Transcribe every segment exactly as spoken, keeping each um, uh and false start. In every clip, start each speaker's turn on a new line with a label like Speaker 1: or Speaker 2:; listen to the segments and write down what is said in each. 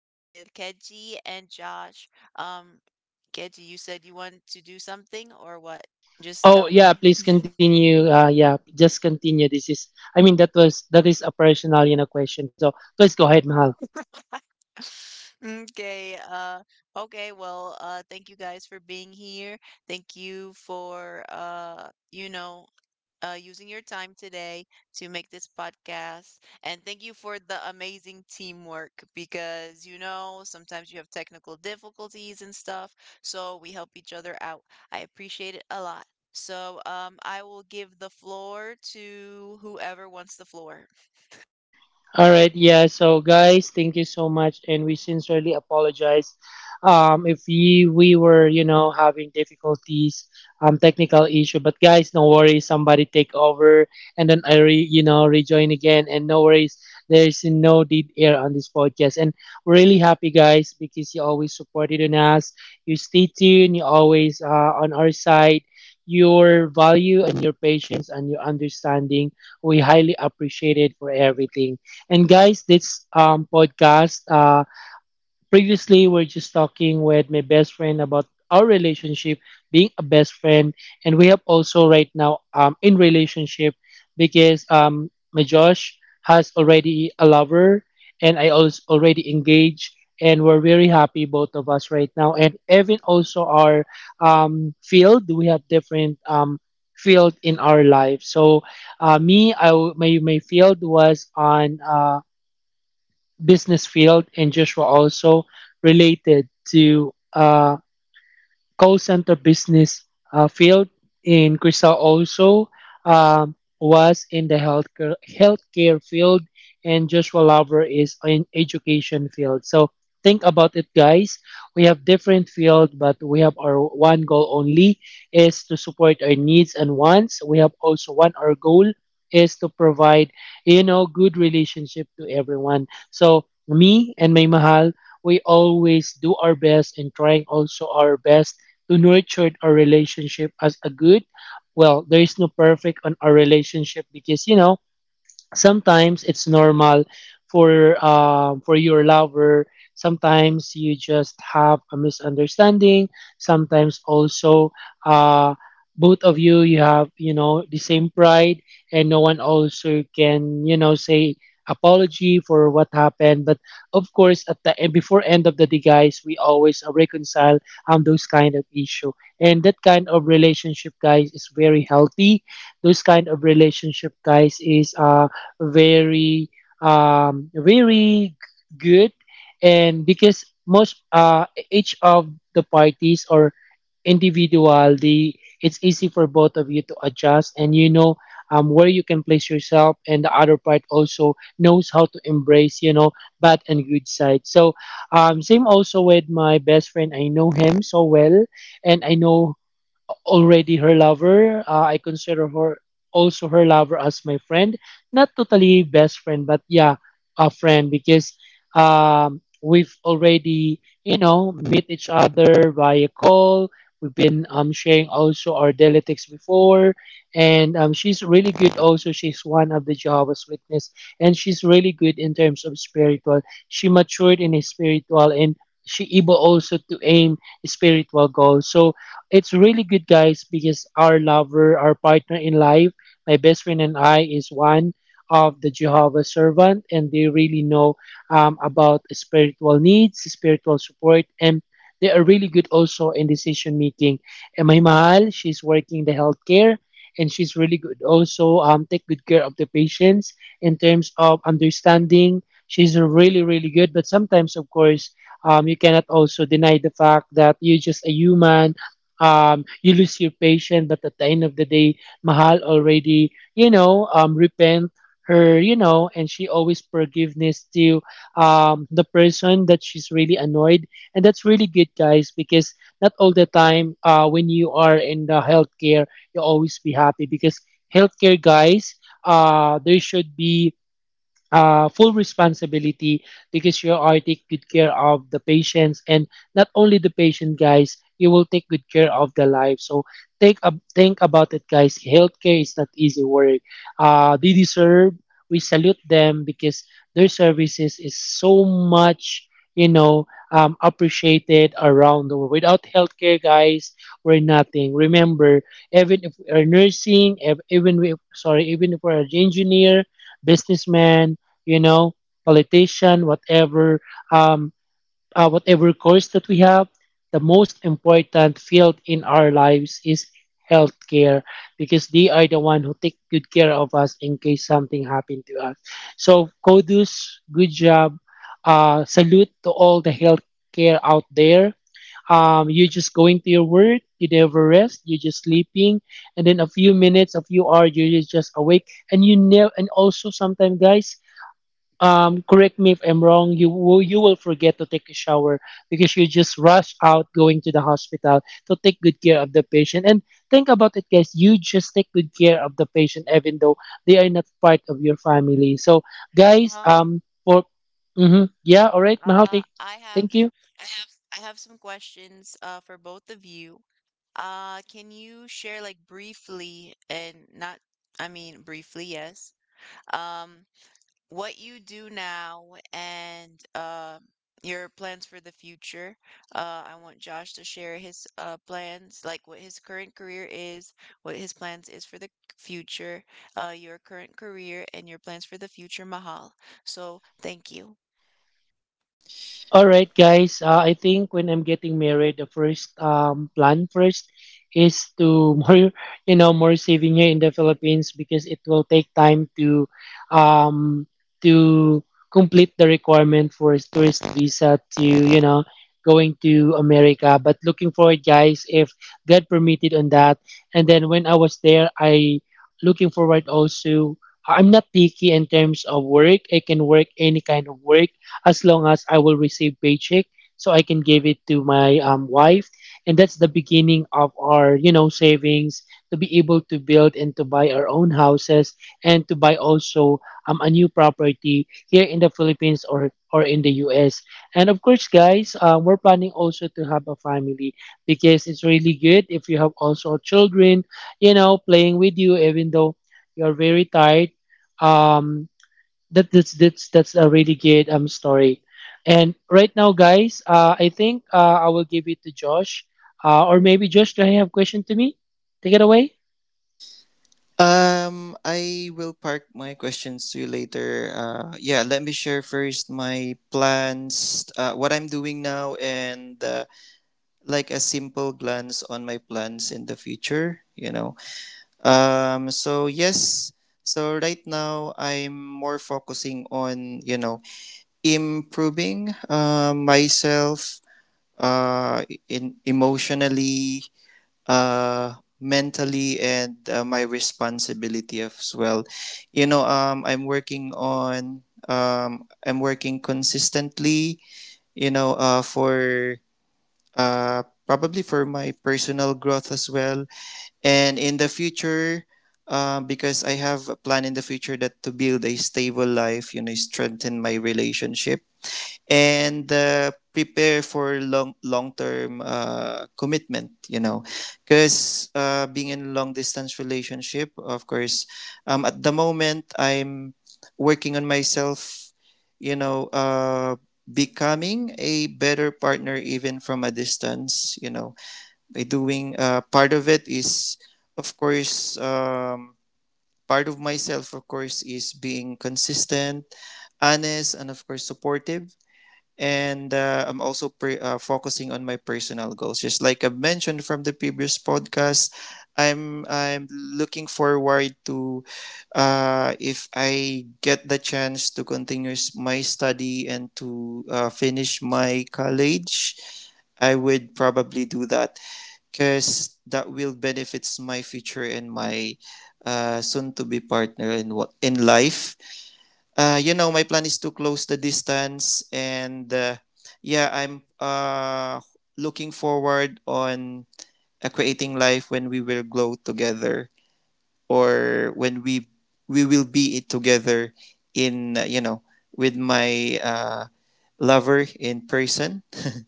Speaker 1: with Keji and Josh. Um, Keji, you said you want to do something or what? Just tell
Speaker 2: Oh
Speaker 1: me.
Speaker 2: yeah, please continue. Uh, yeah, just continue. This is, I mean, that was that is a personal, you know, question. So please go ahead, Mahal.
Speaker 1: Okay, uh, okay, well, uh, thank you guys for being here. Thank you for, uh, you know, uh, using your time today to make this podcast. And thank you for the amazing teamwork because, you know, sometimes you have technical difficulties and stuff. So we help each other out. I appreciate it a lot. So um, I will give the floor to whoever wants the floor.
Speaker 2: All right, yeah. So, guys, thank you so much, and we sincerely apologize um, if we we were, you know, having difficulties, um, technical issue. But guys, no worries. Somebody take over, and then I, re, you know, rejoin again. And no worries. There's no dead air on this podcast, and we're really happy, guys, because you always supported on us. You stay tuned. You always uh, on our side. Your value and your patience and your understanding we highly appreciate it for everything. And guys, this um, podcast, uh, previously we're just talking with my best friend about our relationship, being a best friend, and we have also right now um, in relationship because um, my Josh has already a lover, and I also already engaged, and we're very happy both of us right now. And even also our um, field, we have different um, field in our life. So uh, me, I w- my my field was on. Uh, business field, and Joshua also related to uh, call center business uh, field in Crystal also um, was in the healthcare healthcare field, and Joshua Lover is in education field. So think about it, guys. We have different field, but we have our one goal only is to support our needs and wants. We have also one our goal is to provide, you know, good relationship to everyone. So me and my mahal we always do our best and trying also our best to nurture our relationship as a good, well, there is no perfect on our relationship because, you know, sometimes it's normal for um for your lover, sometimes you just have a misunderstanding, sometimes also uh both of you, you have, you know, the same pride, and no one also can, you know, say apology for what happened. But of course, at the end, before end of the day, guys, we always uh, reconcile um those kind of issue, and that kind of relationship, guys, is very healthy. Those kind of relationship, guys, is uh very, um, very good. And because most uh, each of the parties or individual, the, it's easy for both of you to adjust, and you know, um, where you can place yourself, and the other part also knows how to embrace, you know, bad and good side. So um, same also with my best friend, I know him so well, and I know already her lover. Uh, I consider her also her lover as my friend, not totally best friend, but yeah, a friend because um, we've already, you know, meet each other via call. We've been um, sharing also our daily texts before, and um, she's really good. Also, she's one of the Jehovah's Witness, and she's really good in terms of spiritual. She matured in a spiritual, and she able also to aim spiritual goals. So it's really good, guys, because our lover, our partner in life, my best friend and I, is one of the Jehovah's servant, and they really know um, about spiritual needs, spiritual support, and they are really good also in decision making. And my mahal, she's working the healthcare, and she's really good also, um, take good care of the patients in terms of understanding. She's really, really good, but sometimes, of course, um, you cannot also deny the fact that you're just a human. Um, you lose your patience, but at the end of the day, Mahal already, you know, um, repent her, you know, and she always forgiveness to um, the person that she's really annoyed, and that's really good, guys, because not all the time uh, when you are in the healthcare, you always be happy because healthcare, guys, uh, there should be uh, full responsibility because you are take good care of the patients and not only the patient, guys, you will take good care of the life. So take a, think about it, guys, healthcare is not easy work. Uh, they deserve, we salute them because their services is so much, you know, um, appreciated around the world. Without healthcare, guys, we're nothing. Remember, even if we're nursing, ev- even we sorry even if we're an engineer, businessman, you know, politician, whatever, um, uh, whatever course that we have, the most important field in our lives is healthcare because they are the one who take good care of us in case something happened to us. So kudos, good job, uh, salute to all the healthcare out there. Um, you're just going to your work, you never rest, you're just sleeping, and then a few minutes, a few hours, you're just awake, and you know, and also sometimes, guys, um, correct me if I'm wrong, you will, you will forget to take a shower because you just rush out going to the hospital to take good care of the patient. And think about it, guys, you just take good care of the patient even though they are not part of your family. So, guys,
Speaker 1: Um,
Speaker 2: um, for mm-hmm, yeah, all right, Mahal,
Speaker 1: uh,
Speaker 2: take,
Speaker 1: I have,
Speaker 2: thank you.
Speaker 1: I have, I have some questions uh, for both of you. Uh, can you share like briefly and not, I mean briefly, yes. Um, what you do now and uh, your plans for the future. Uh, I want Josh to share his uh, plans, like what his current career is, what his plans is for the future, uh, your current career, and your plans for the future, Mahal. So thank you.
Speaker 2: All right, guys. Uh, I think when I'm getting married, the first um, plan first is to more, you know, more saving here in the Philippines because it will take time to, um, to complete the requirement for a tourist visa to, you know, going to America. But looking forward, guys, if God permitted on that. And then when I was there, I looking forward also. I'm not picky in terms of work. I can work any kind of work as long as I will receive paycheck so I can give it to my um, wife. And that's the beginning of our, you know, savings to be able to build and to buy our own houses and to buy also um, a new property here in the Philippines or, or in the U S. And of course, guys, um, we're planning also to have a family because it's really good if you have also children, you know, playing with you, even though you're very tired. Um, that that's that's that's a really good um story. And right now, guys, uh I think, uh I will give it to Josh. Uh, or maybe Josh, do you have a question to me? Take it away.
Speaker 3: Um, I will park my questions to you later. Uh, yeah, let me share first my plans, uh, what I'm doing now, and uh, like a simple glance on my plans in the future, you know. Um, so yes, so right now I'm more focusing on, you know, improving uh, myself uh in emotionally uh mentally and uh, my responsibility as well. You know um I'm working on, um I'm working consistently, you know, uh for uh probably for my personal growth as well. And in the future, um because I have a plan in the future that to build a stable life, you know, strengthen my relationship and uh, prepare for long long term uh, commitment, you know, because uh, being in a long distance relationship, of course. Um, at the moment, I'm working on myself, you know, uh, becoming a better partner even from a distance, you know, by doing uh, part of it is of course, um, part of myself of course is being consistent, honest, and of course supportive. And uh, I'm also pre- uh, focusing on my personal goals. Just like I mentioned from the previous podcast, I'm I'm looking forward to, uh, if I get the chance to continue s- my study and to uh, finish my college, I would probably do that because that will benefits my future and my uh, soon to be partner in what in life. Uh, you know, my plan is to close the distance, and uh, yeah, I'm uh, looking forward on uh, creating life when we will grow together, or when we we will be it together in uh, you know, with my uh, lover in person.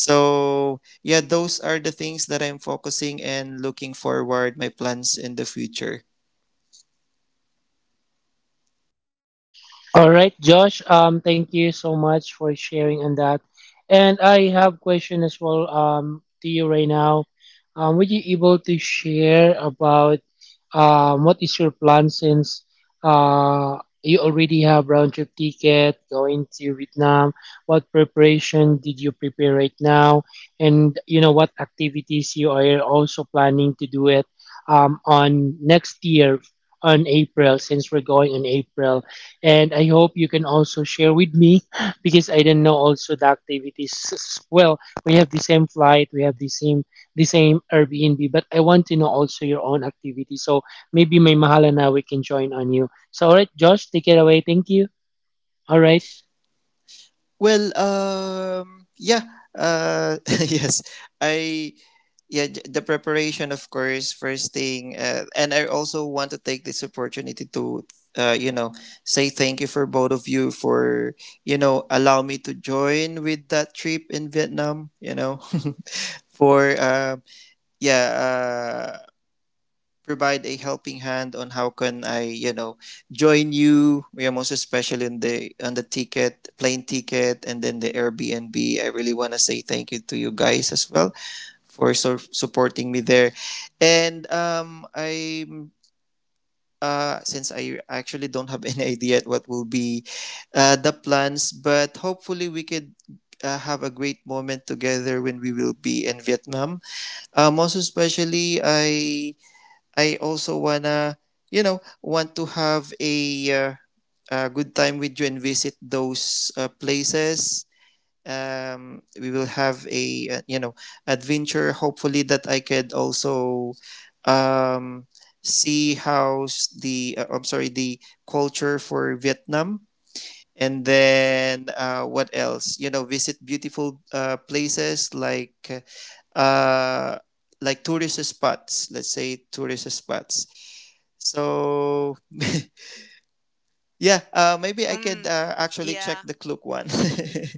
Speaker 3: So yeah, those are the things that I'm focusing and looking forward my plans in the future.
Speaker 2: All right, Josh. Um, thank you so much for sharing on that. And I have question as well. Um, to you right now. Um, would you able to share about um what is your plan since uh you already have round trip ticket going to Vietnam? What preparation did you prepare right now? And you know what activities you are also planning to do it um on next year on April, since we're going in April. And I hope you can also share with me because I didn't know also the activities as well. We have the same flight, we have the same the same Airbnb, but I want to know also your own activity. So maybe may mahal na we can join on you. So all right, Josh, take it away. Thank you. All right.
Speaker 3: Well, um, yeah, uh, yes, I yeah j- the preparation, of course, first thing. Uh, and I also want to take this opportunity to, uh, you know, say thank you for both of you for, you know, allow me to join with that trip in Vietnam, you know. for uh, yeah uh, provide a helping hand on how can I, you know, join you. We are most especially on the on the ticket, plane ticket, and then the Airbnb. I really want to say thank you to you guys as well for so- supporting me there. And um, I'm uh, since I actually don't have any idea at what will be uh, the plans, but hopefully we could uh, have a great moment together when we will be in Vietnam. Uh, most especially, I I also wanna, you know, want to have a uh, a good time with you and visit those uh, places. Um we will have a, uh, you know, adventure, hopefully that I could also um see how's the uh, I'm sorry, the culture for Vietnam, and then uh what else, you know, visit beautiful uh places like uh like tourist spots, let's say tourist spots. So yeah, uh maybe I could
Speaker 1: Um,
Speaker 3: uh, actually check
Speaker 1: yeah.
Speaker 3: the clue one.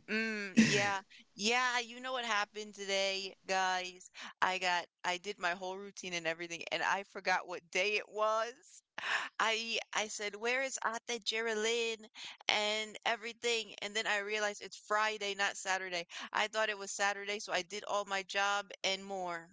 Speaker 1: Mm, yeah. Yeah, you know what happened today, guys? I got I did my whole routine and everything, and I forgot what day it was. I I said, "Where is Ate Geraldine?" and everything, and then I realized it's Friday, not Saturday. I thought it was Saturday, so I did all my job and more.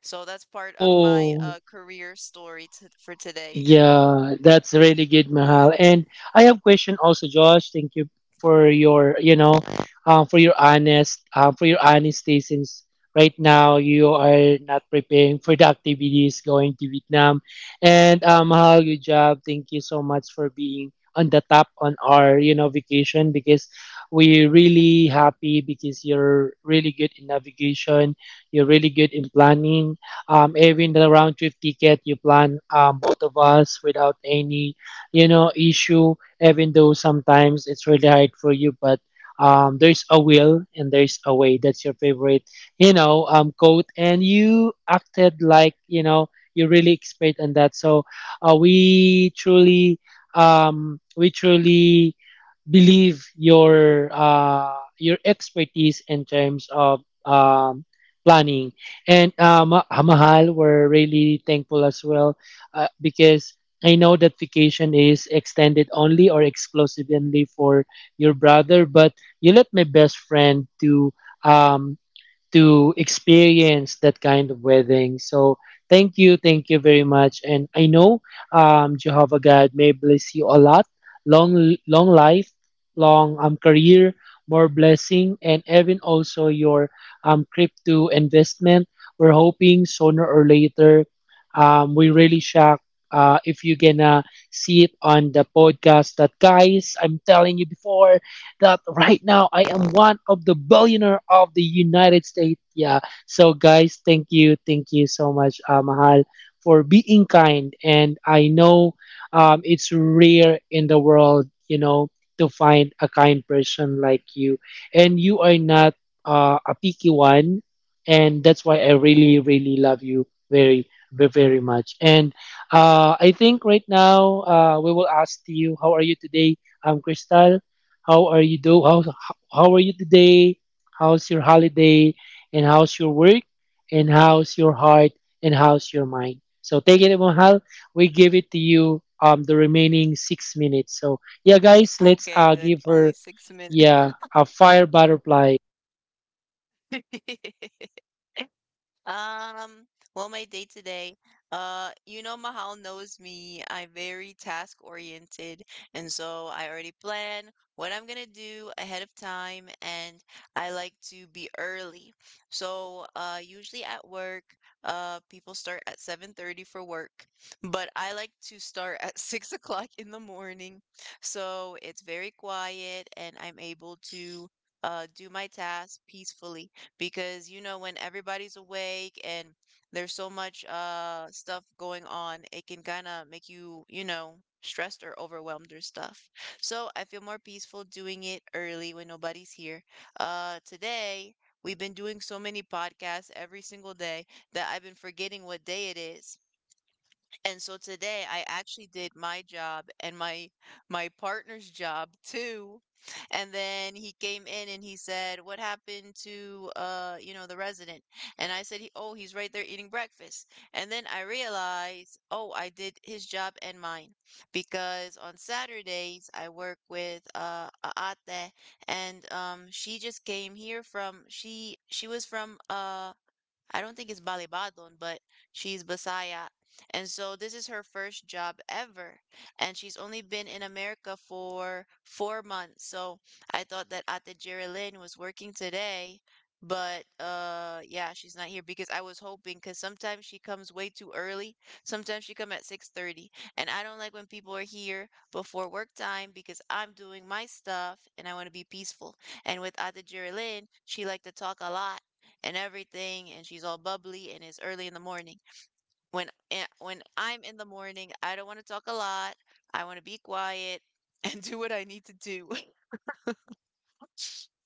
Speaker 1: So that's part of my
Speaker 2: Oh,
Speaker 1: uh career story t for today.
Speaker 2: yeah, that's really good, Mahal. And I have question also, Josh. Thank you for your, you know, um, for your honest, um, for your honesty. Since right now you are not preparing for the activities going to Vietnam, and um, Mahal, good job. Thank you so much for being on the top on our, you know, vacation, because we're really happy because you're really good in navigation. You're really good in planning, um, even the round trip ticket you plan um, both of us without any, you know, issue, even though sometimes it's really hard for you. But um, there's a will and there's a way, that's your favorite, you know, um, quote, and you acted like, you know, you really expert on that. So uh, we truly um, we truly believe your uh, your expertise in terms of um, planning. And uh, Ma- ah, Mahal, we're really thankful as well uh, because I know that vacation is extended only or exclusively for your brother, but you let my best friend to um, to experience that kind of wedding. So thank you, thank you very much. And I know um, Jehovah God may bless you a lot, long long life, long um, career, more blessing, and even also your um, crypto investment. We're hoping sooner or later, um, we really shocked uh, if you're gonna see it on the podcast. That guys, I'm telling you before that right now I am one of the billionaire of the United States. Yeah. So guys, thank you, thank you so much, uh, Mahal, for being kind. And I know um, it's rare in the world, you know, to find a kind person like you, and you are not uh, a picky one, and that's why I really, really love you very, ve- very much. And uh, I think right now uh, we will ask you, how are you today, um, Crystal? How are you do? How how are you today? How's your holiday? And how's your work? And how's your heart? And how's your mind? So take it, Mohal. We give it to you. Um, the remaining six minutes. So yeah, guys, let's
Speaker 1: Okay,
Speaker 2: uh
Speaker 1: good.
Speaker 2: give her
Speaker 1: Only six minutes.
Speaker 2: yeah a fire butterfly.
Speaker 1: Um, well, my day today, uh, you know, Mahal knows me. I'm very task oriented, and so I already plan what I'm gonna do ahead of time, and I like to be early. So, uh, usually at work, uh, people start at seven thirty for work, but I like to start at six o'clock in the morning. So it's very quiet, and I'm able to, uh, do my tasks peacefully because, you know, when everybody's awake and there's so much uh stuff going on, it can kind of make you, you know, stressed or overwhelmed or stuff. So I feel more peaceful doing it early when nobody's here. Uh today we've been doing so many podcasts every single day that I've been forgetting what day it is. And so today I actually did my job and my my partner's job too. And then he came in and he said, "What happened to uh, you know, the resident?" And I said, he, "Oh, he's right there eating breakfast." And then I realized, "Oh, I did his job and mine." Because on Saturdays I work with uh a ate, and um she just came here from she she was from uh I don't think it's Balibadon, but she's Bisaya. And so this is her first job ever. And she's only been in America for four months. So I thought that Ate Jerilyn was working today, but uh yeah, she's not here because I was hoping, because sometimes she comes way too early. Sometimes she come at six thirty. And I don't like when people are here before work time because I'm doing my stuff and I want to be peaceful. And with Ate Jerilyn, she liked to talk a lot and everything, and she's all bubbly and it's early in the morning. When eh, when I'm in the morning, I don't want to talk a lot. I want to be quiet and do what I need to do.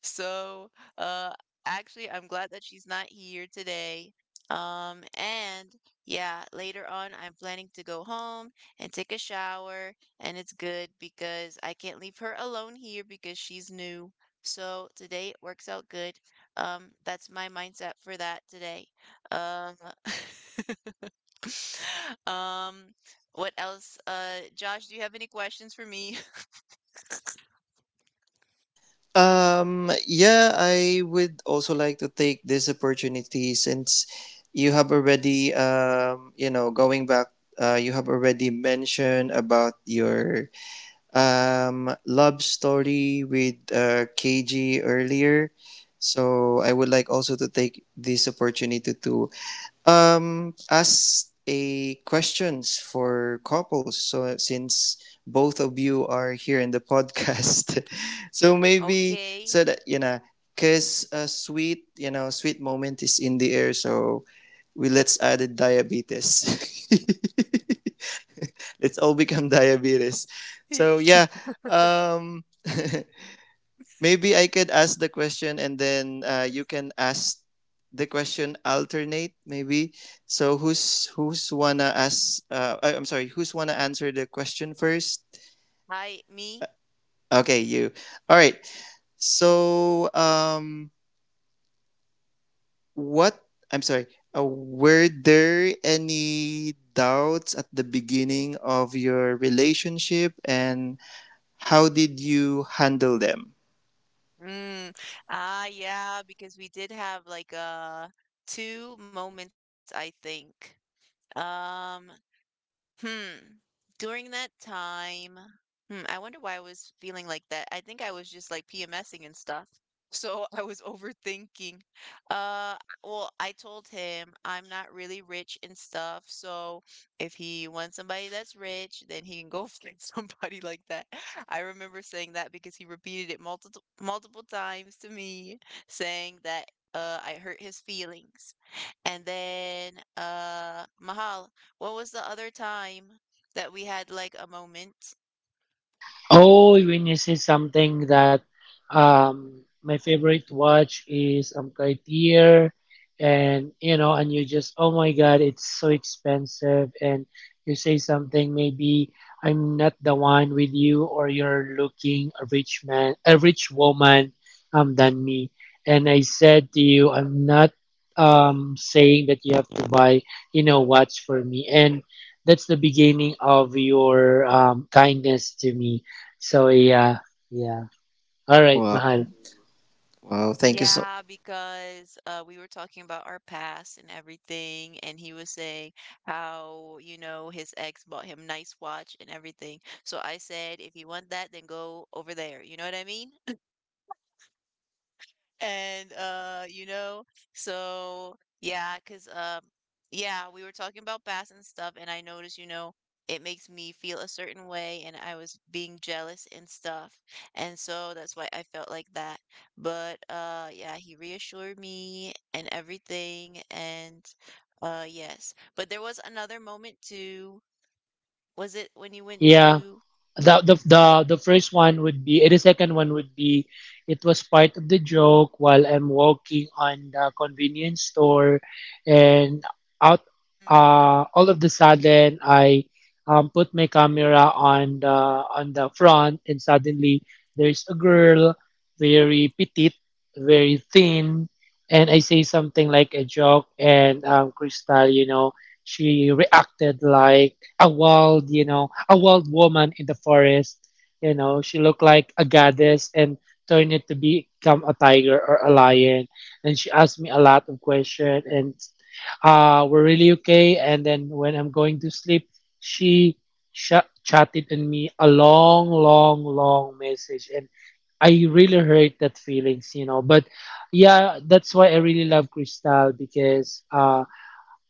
Speaker 1: So, uh, actually, I'm glad that she's not here today. Um, and yeah, later on, I'm planning to go home and take a shower, and it's good because I can't leave her alone here because she's new. So today it works out good. Um, that's my mindset for that today. Um, um, what else? Uh, Josh, do you have any questions for me?
Speaker 3: Um, yeah, I would also like to take this opportunity since you have already, um, you know, going back, uh, you have already mentioned about your um, love story with uh, K G earlier. So I would like also to take this opportunity to, um, as a questions for couples, so since both of you are here in the podcast, so maybe
Speaker 1: Okay.
Speaker 3: so that you know, cause a sweet, you know, sweet moment is in the air, so we let's add a diabetes. Let's all become diabetes. So yeah, um, maybe I could ask the question, and then uh, you can ask the question alternate maybe. So who's who's wanna ask, uh, I, I'm sorry, who's wanna answer the question first?
Speaker 1: Hi, me.
Speaker 3: Okay, you. All right. So um what I'm sorry. Uh, were there any doubts at the beginning of your relationship and how did you handle them?
Speaker 1: Mm. Ah, yeah, because we did have like uh two moments, I think. Um, Hmm. During that time, hmm, I wonder why I was feeling like that. I think I was just, like, PMSing and stuff, so I was overthinking. Uh, well, I told him I'm not really rich and stuff, so if he wants somebody that's rich, then he can go find somebody like that. I remember saying that because he repeated it multiple multiple times to me, saying that, uh, I hurt his feelings. And then, uh, Mahal, what was the other time that we had like a moment?
Speaker 2: Oh, when you say something that um my favorite watch is um Cartier, and you know, and you just, oh my god, it's so expensive, and you say something maybe I'm not the one with you, or you're looking a rich man, a rich woman, um than me. And I said to you, I'm not um saying that you have to buy, you know, watch for me, and that's the beginning of your um, kindness to me. So yeah, yeah. All right,
Speaker 3: Well,
Speaker 2: mahal.
Speaker 3: wow, thank you so—
Speaker 1: Yeah, because uh, we were talking about our past and everything, and he was saying how, you know, his ex bought him nice watch and everything. So I said, if you want that, then go over there. You know what I mean? And uh, you know, so yeah, cause um yeah, we were talking about bass and stuff, and I noticed, you know, it makes me feel a certain way and I was being jealous and stuff. And so that's why I felt like that. But uh yeah, he reassured me and everything, and uh yes. But there was another moment too. Was it when you went
Speaker 2: Yeah,
Speaker 1: to
Speaker 2: the the the the first one would be eh, the second one would be, it was part of the joke while I'm walking on the convenience store, and out,
Speaker 1: hmm,
Speaker 2: uh all of the sudden, I um put my camera on the on the front, and suddenly there's a girl, very petite, very thin, and I say something like a joke, and um Crystal, you know, she reacted like a wild, you know, a wild woman in the forest. You know, she looked like a goddess and turned it to become a tiger or a lion. And she asked me a lot of questions, and uh, we're really okay. And then when I'm going to sleep, she sh- chatted on me a long, long, long message. And I really hurt that feelings, you know. But yeah, that's why I really love Crystal, because uh,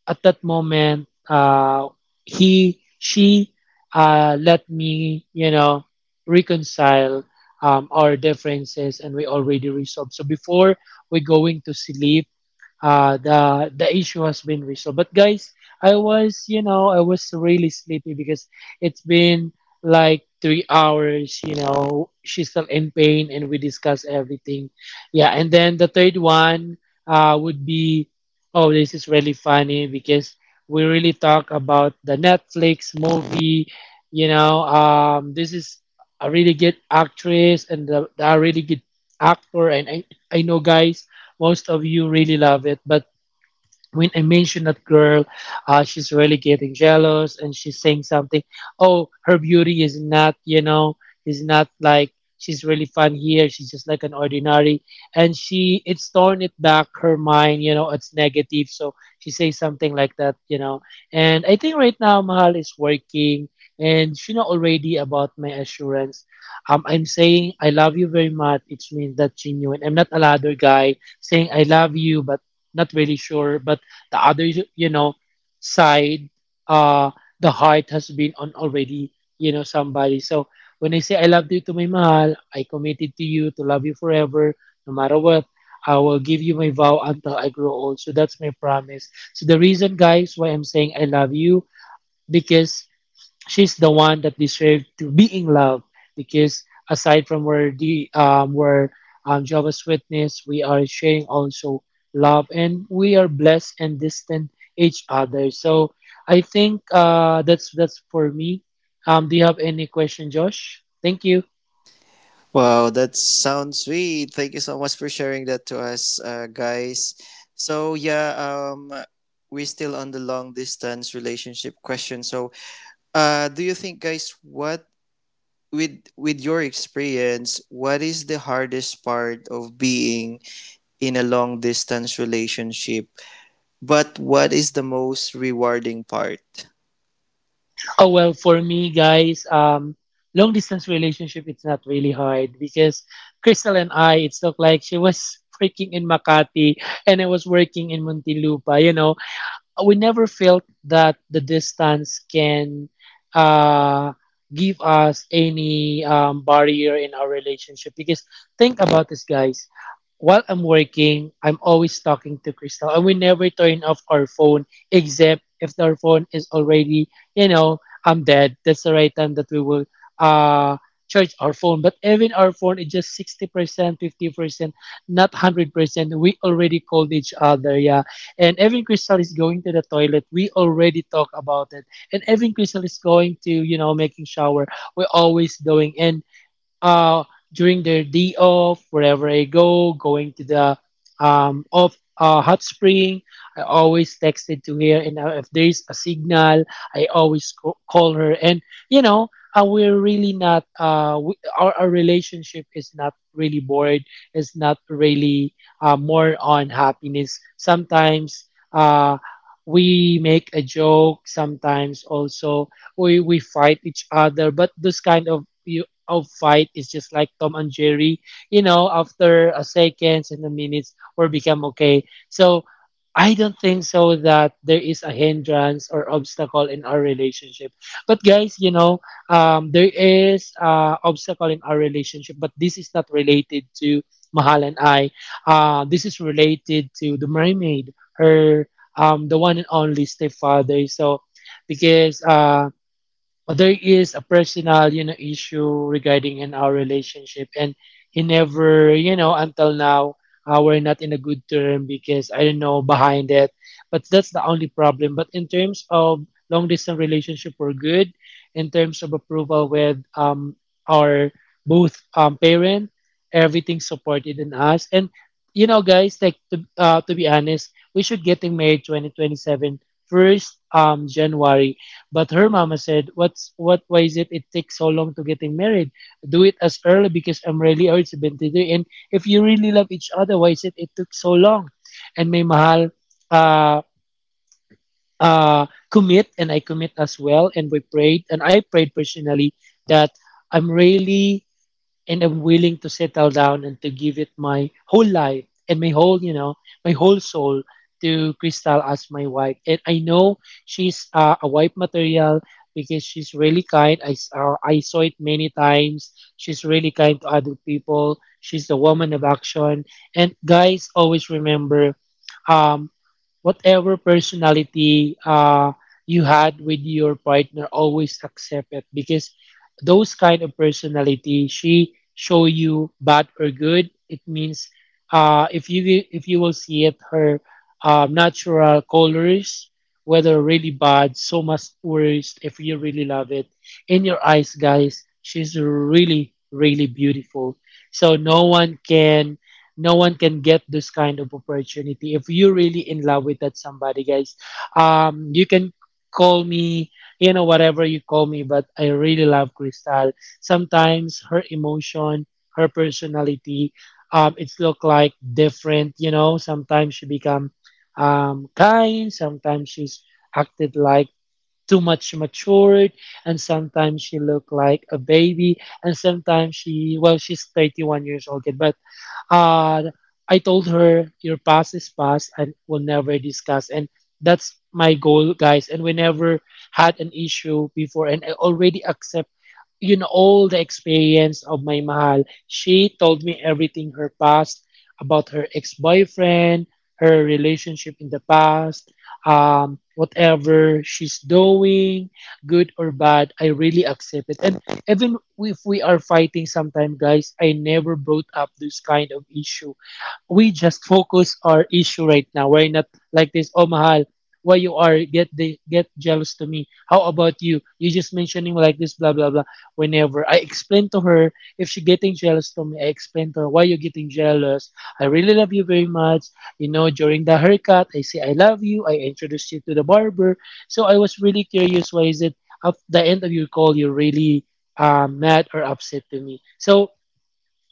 Speaker 2: at that moment, uh, he, she, uh, let me, you know, reconcile um, our differences, and we already resolved. So before we going to sleep, uh, the the issue has been resolved. But guys, I was, you know, I was really sleepy because it's been like three hours. You know, she's still in pain, and we discuss everything. Yeah, and then the third one uh, would be, oh, this is really funny because we really talk about the Netflix movie. You know, um, this is a really good actress and the, the really good actor. And I, I know guys, most of you really love it. But when I mentioned that girl, uh, she's really getting jealous, and she's saying something. Oh, her beauty is not, you know, is not like, she's really fun here. She's just like an ordinary. And she, it's torn it back her mind, you know, it's negative. So she says something like that, you know. And I think right now Mahal is working, and she know already about my assurance. Um, I'm saying I love you very much. It means that genuine. I'm not a ladder guy saying I love you, but not really sure, but the other, you know, side, uh the heart has been on already, you know, somebody. So when I say I love you to my mahal, I committed to you to love you forever, no matter what. I will give you my vow until I grow old, so that's my promise. So the reason, guys, why I'm saying I love you, because she's the one that deserved to be in love, because aside from where the um where um Jehovah's Witness, we are sharing also love, and we are blessed and distant each other. So I think uh that's that's for me. Um do you have any question, Josh? Thank you.
Speaker 3: Wow, that sounds sweet. Thank you so much for sharing that to us, uh, guys. So yeah, um, we're still on the long distance relationship question. So, uh, do you think, guys, what, with with your experience, what is the hardest part of being in a long distance relationship? But what is the most rewarding part?
Speaker 2: Oh well, for me, guys, um long distance relationship it's not really hard, because Crystal and I, it's looked like she was freaking in Makati and I was working in Muntinlupa, you know. Uh, we never felt that the distance can uh, give us any um, barrier in our relationship, because think about this, guys, while I'm working, I'm always talking to Crystal, and we never turn off our phone, except if our phone is already, you know, I'm dead. That's the right time that we will uh charge our phone. But even our phone is just sixty percent, fifty percent, not hundred percent, we already called each other, yeah. And even Crystal is going to the toilet, we already talk about it. And even Crystal is going to, you know, making shower. We're always going in uh, during their day off, wherever I go, going to the um, off uh, hot spring, I always texted to her, and uh, if there's a signal, I always co- call her. And you know, uh, we're really not. Uh, we, our, our relationship is not really bored. It's not really uh, more on happiness. Sometimes. Uh, we make a joke sometimes also. We we fight each other, but those kind of of fight is just like Tom and Jerry. You know, after a seconds and a minutes, we become okay. So I don't think so that there is a hindrance or obstacle in our relationship. But guys, you know, um, there is uh, obstacle in our relationship, but this is not related to Mahal and I. Uh, this is related to the mermaid, her um, the one and only stepfather. So because uh, there is a personal, you know, issue regarding in our relationship, and he never, you know, until now, uh, we're not in a good term because I don't know behind it. But that's the only problem. But in terms of long distance relationship, we're good. In terms of approval with um our both um parent, everything supported in us. And you know, guys, like to, uh, to be honest, we should getting married twenty twenty-seven, first um january. But her mama said, "What's what? Why is it it takes so long to getting married? Do it as early because I'm really urged to three. And if you really love each other, why is it it took so long?" And may mahal uh, uh, commit, and I commit as well. And we prayed, and I prayed personally that I'm really and I'm willing to settle down and to give it my whole life and my whole, you know, my whole soul to Crystal as my wife. And I know she's uh, a wife material because she's really kind. I, s- uh, I saw it many times. She's really kind to other people. She's the woman of action. And guys, always remember, um, whatever personality uh, you had with your partner, always accept it because those kind of personality, she show you bad or good. It means uh, if you if you will see it, her uh, natural colors, whether really bad, so much worse. If you really love it, in your eyes, guys, she's really really beautiful. So no one can no one can get this kind of opportunity if you're really in love with that somebody, guys. Um you can call me, you know, whatever you call me, but I really love Crystal. Sometimes her emotion, her personality, um it's look like different. You know, sometimes she become um kind, sometimes she's acted like too much matured, and sometimes she look like a baby, and sometimes she, well, she's thirty-one years old kid. But uh, I told her your past is past and we'll never discuss. And that's my goal, guys. And we never had an issue before. And I already accept, you know, all the experience of my mahal. She told me everything her past, about her ex-boyfriend, her relationship in the past, um, whatever she's doing, good or bad. I really accept it. And even if we are fighting sometimes, guys, I never brought up this kind of issue. We just focus our issue right now. We're not like this, oh Mahal, why you are get the get jealous to me? How about you? You just mentioning like this, blah blah blah. Whenever I explain to her if she getting jealous to me, I explain to her why you getting jealous. I really love you very much. You know, during the haircut, I say I love you. I introduce you to the barber. So I was really curious. Why is it at the end of your call you're really uh, mad or upset to me? So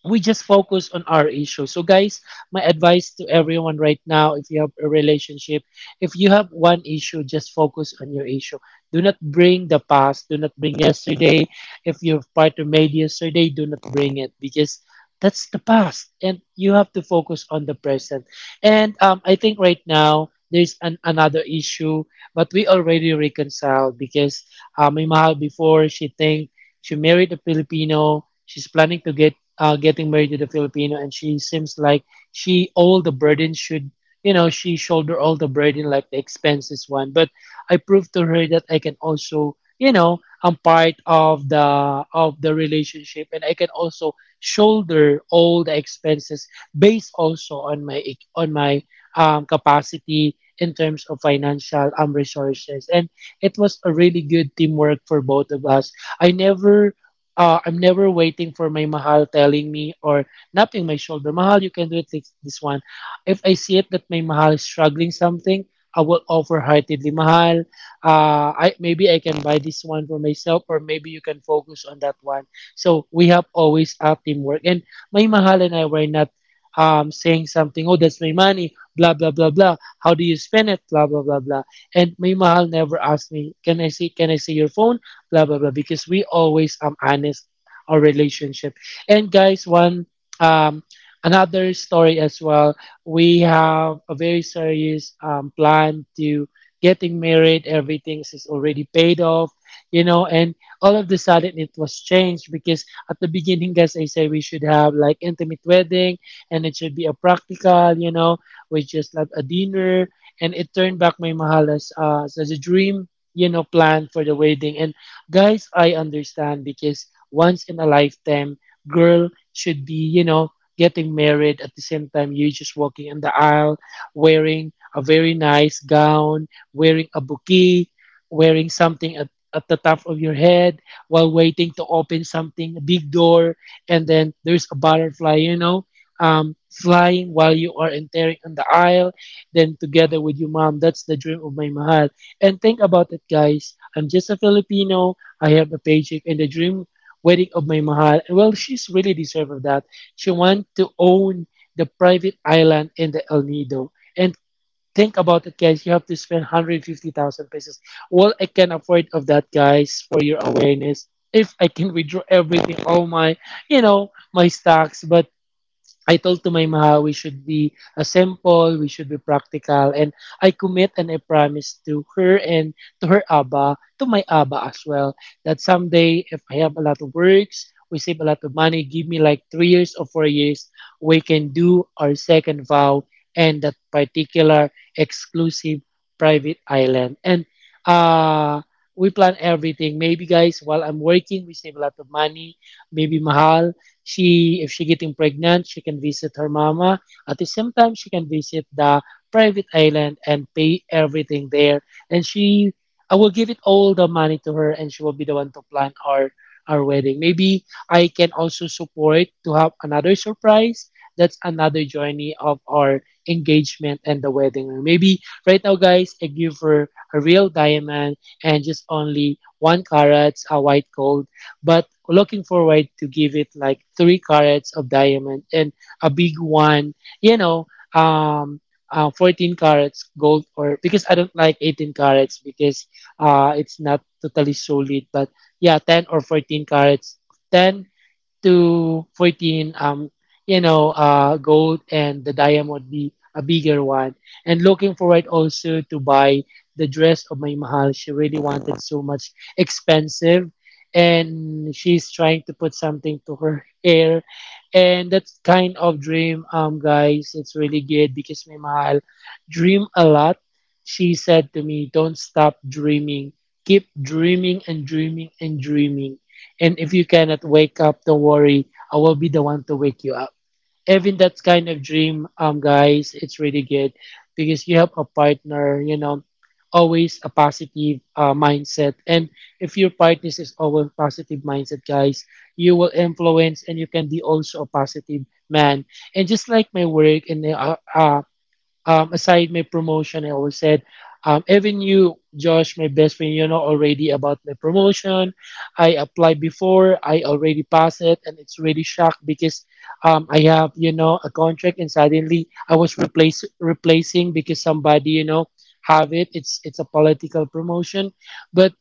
Speaker 2: we just focus on our issue. So, guys, my advice to everyone right now, if you have a relationship, if you have one issue, just focus on your issue. Do not bring the past, do not bring yesterday. If your partner made yesterday, do not bring it because that's the past and you have to focus on the present. And um, I think right now, there's an, another issue, but we already reconciled because um, my mahal before she think she married a Filipino. She's planning to get uh, getting married to the Filipino, and she seems like she all the burden should, you know, she shoulder all the burden like the expenses one. But I proved to her that I can also, you know, I'm part of the of the relationship, and I can also shoulder all the expenses based also on my ec- on my um, capacity in terms of financial um resources, and it was a really good teamwork for both of us. i never uh, I'm never waiting for my mahal telling me or napping my shoulder. Mahal, you can do it like this one. If I see it that my mahal is struggling something, I will offer heartedly, mahal. Uh, I maybe I can buy this one for myself, or maybe you can focus on that one. So we have always a teamwork, and my mahal and I were not um, saying something. Oh, that's my money. Blah blah blah blah. How do you spend it? Blah blah blah blah. And my mahal never asked me, can I see can I see your phone? Blah blah blah because we always um honest our relationship. And guys, one um another story as well. We have a very serious um plan to getting married. Everything is already paid off, you know and all of the sudden it was changed because at the beginning, guys, I say we should have like intimate wedding, and it should be a practical you know We just have a dinner, and it turned back my mahal as, uh, as a dream you know plan for the wedding. And guys, I understand because once in a lifetime, girl should be, you know, getting married at the same time you're just walking in the aisle wearing a very nice gown, wearing a bouquet, wearing something at, at the top of your head while waiting to open something, a big door, and then there's a butterfly, you know, um, flying while you are entering on the aisle, then together with your mom. That's the dream of my mahal. And think about it, guys. I'm just a Filipino. I have a paycheck and the dream wedding of my mahal. And well, she's really deserved of that. She wants to own the private island in the El Nido. And think about it, guys. You have to spend one hundred fifty thousand pesos. Well, I can afford of that, guys, for your awareness. If I can withdraw everything, all my, you know, my stocks, but I told to my maha we should be a simple, we should be practical, and I commit and I promise to her and to her abba, to my abba as well, that someday if I have a lot of works, we save a lot of money, give me like three years or four years, we can do our second vow and that particular exclusive private island. And uh we plan everything. Maybe guys, while I'm working, we save a lot of money. Maybe mahal, she, if she getting pregnant, she can visit her mama. At the same time, she can visit the private island and pay everything there, and she I will give it all the money to her, and she will be the one to plan our our wedding. Maybe I can also support to have another surprise. That's another journey of our engagement and the wedding. Or maybe right now, guys, I give her a real diamond, and just only one carat, a white gold, but looking forward to give it like three carats of diamond and a big one, you know, um, uh, fourteen carats gold, or because I don't like eighteen carats because uh, it's not totally solid, but yeah, ten or fourteen carats, ten to fourteen um you know uh gold, and the diamond be a bigger one, and looking forward also to buy the dress of my mahal she really wanted so much expensive. And she's trying to put something to her hair, and that's kind of dream, um guys, it's really good because my mahal dream a lot. She said to me, don't stop dreaming, keep dreaming and dreaming and dreaming. And if you cannot wake up, don't worry. I will be the one to wake you up. Having that kind of dream, um, guys, it's really good because you have a partner, you know, always a positive uh, mindset. And if your partner is always positive mindset, guys, you will influence and you can be also a positive man. And just like my work and uh, uh, um, aside my promotion, I always said, um, even you, Josh, my best friend, you know already about my promotion. I applied before, I already passed it, and it's really shocked because um, I have, you know, a contract, and suddenly I was replace replacing because somebody, you know, have it. It's it's a political promotion, but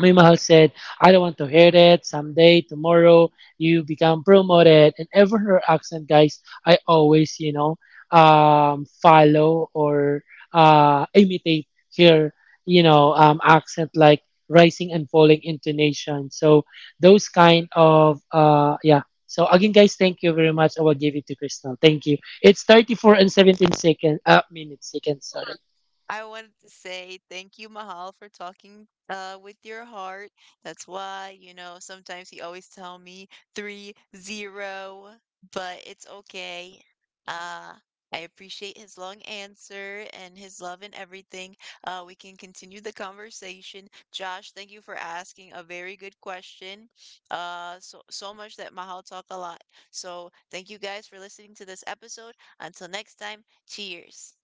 Speaker 2: Mi Mahal said, I don't want to hear it. Someday, tomorrow, you become promoted. And ever her accent, guys, I always, you know, um, follow or uh, imitate her, you know, um, accent like rising and falling intonation. So those kind of, uh, yeah. So again, guys, thank you very much. I will give it to Crystal. Thank you. It's thirty-four and seventeen seconds, uh, minutes, seconds, sorry.
Speaker 1: I wanted to say thank you, Mahal, for talking uh, with your heart. That's why, you know, sometimes he always tell me three zero, but it's okay. Uh, I appreciate his long answer and his love and everything. Uh, we can continue the conversation. Josh, thank you for asking a very good question. Uh, so so much that Mahal talk a lot. So thank you guys for listening to this episode. Until next time, cheers.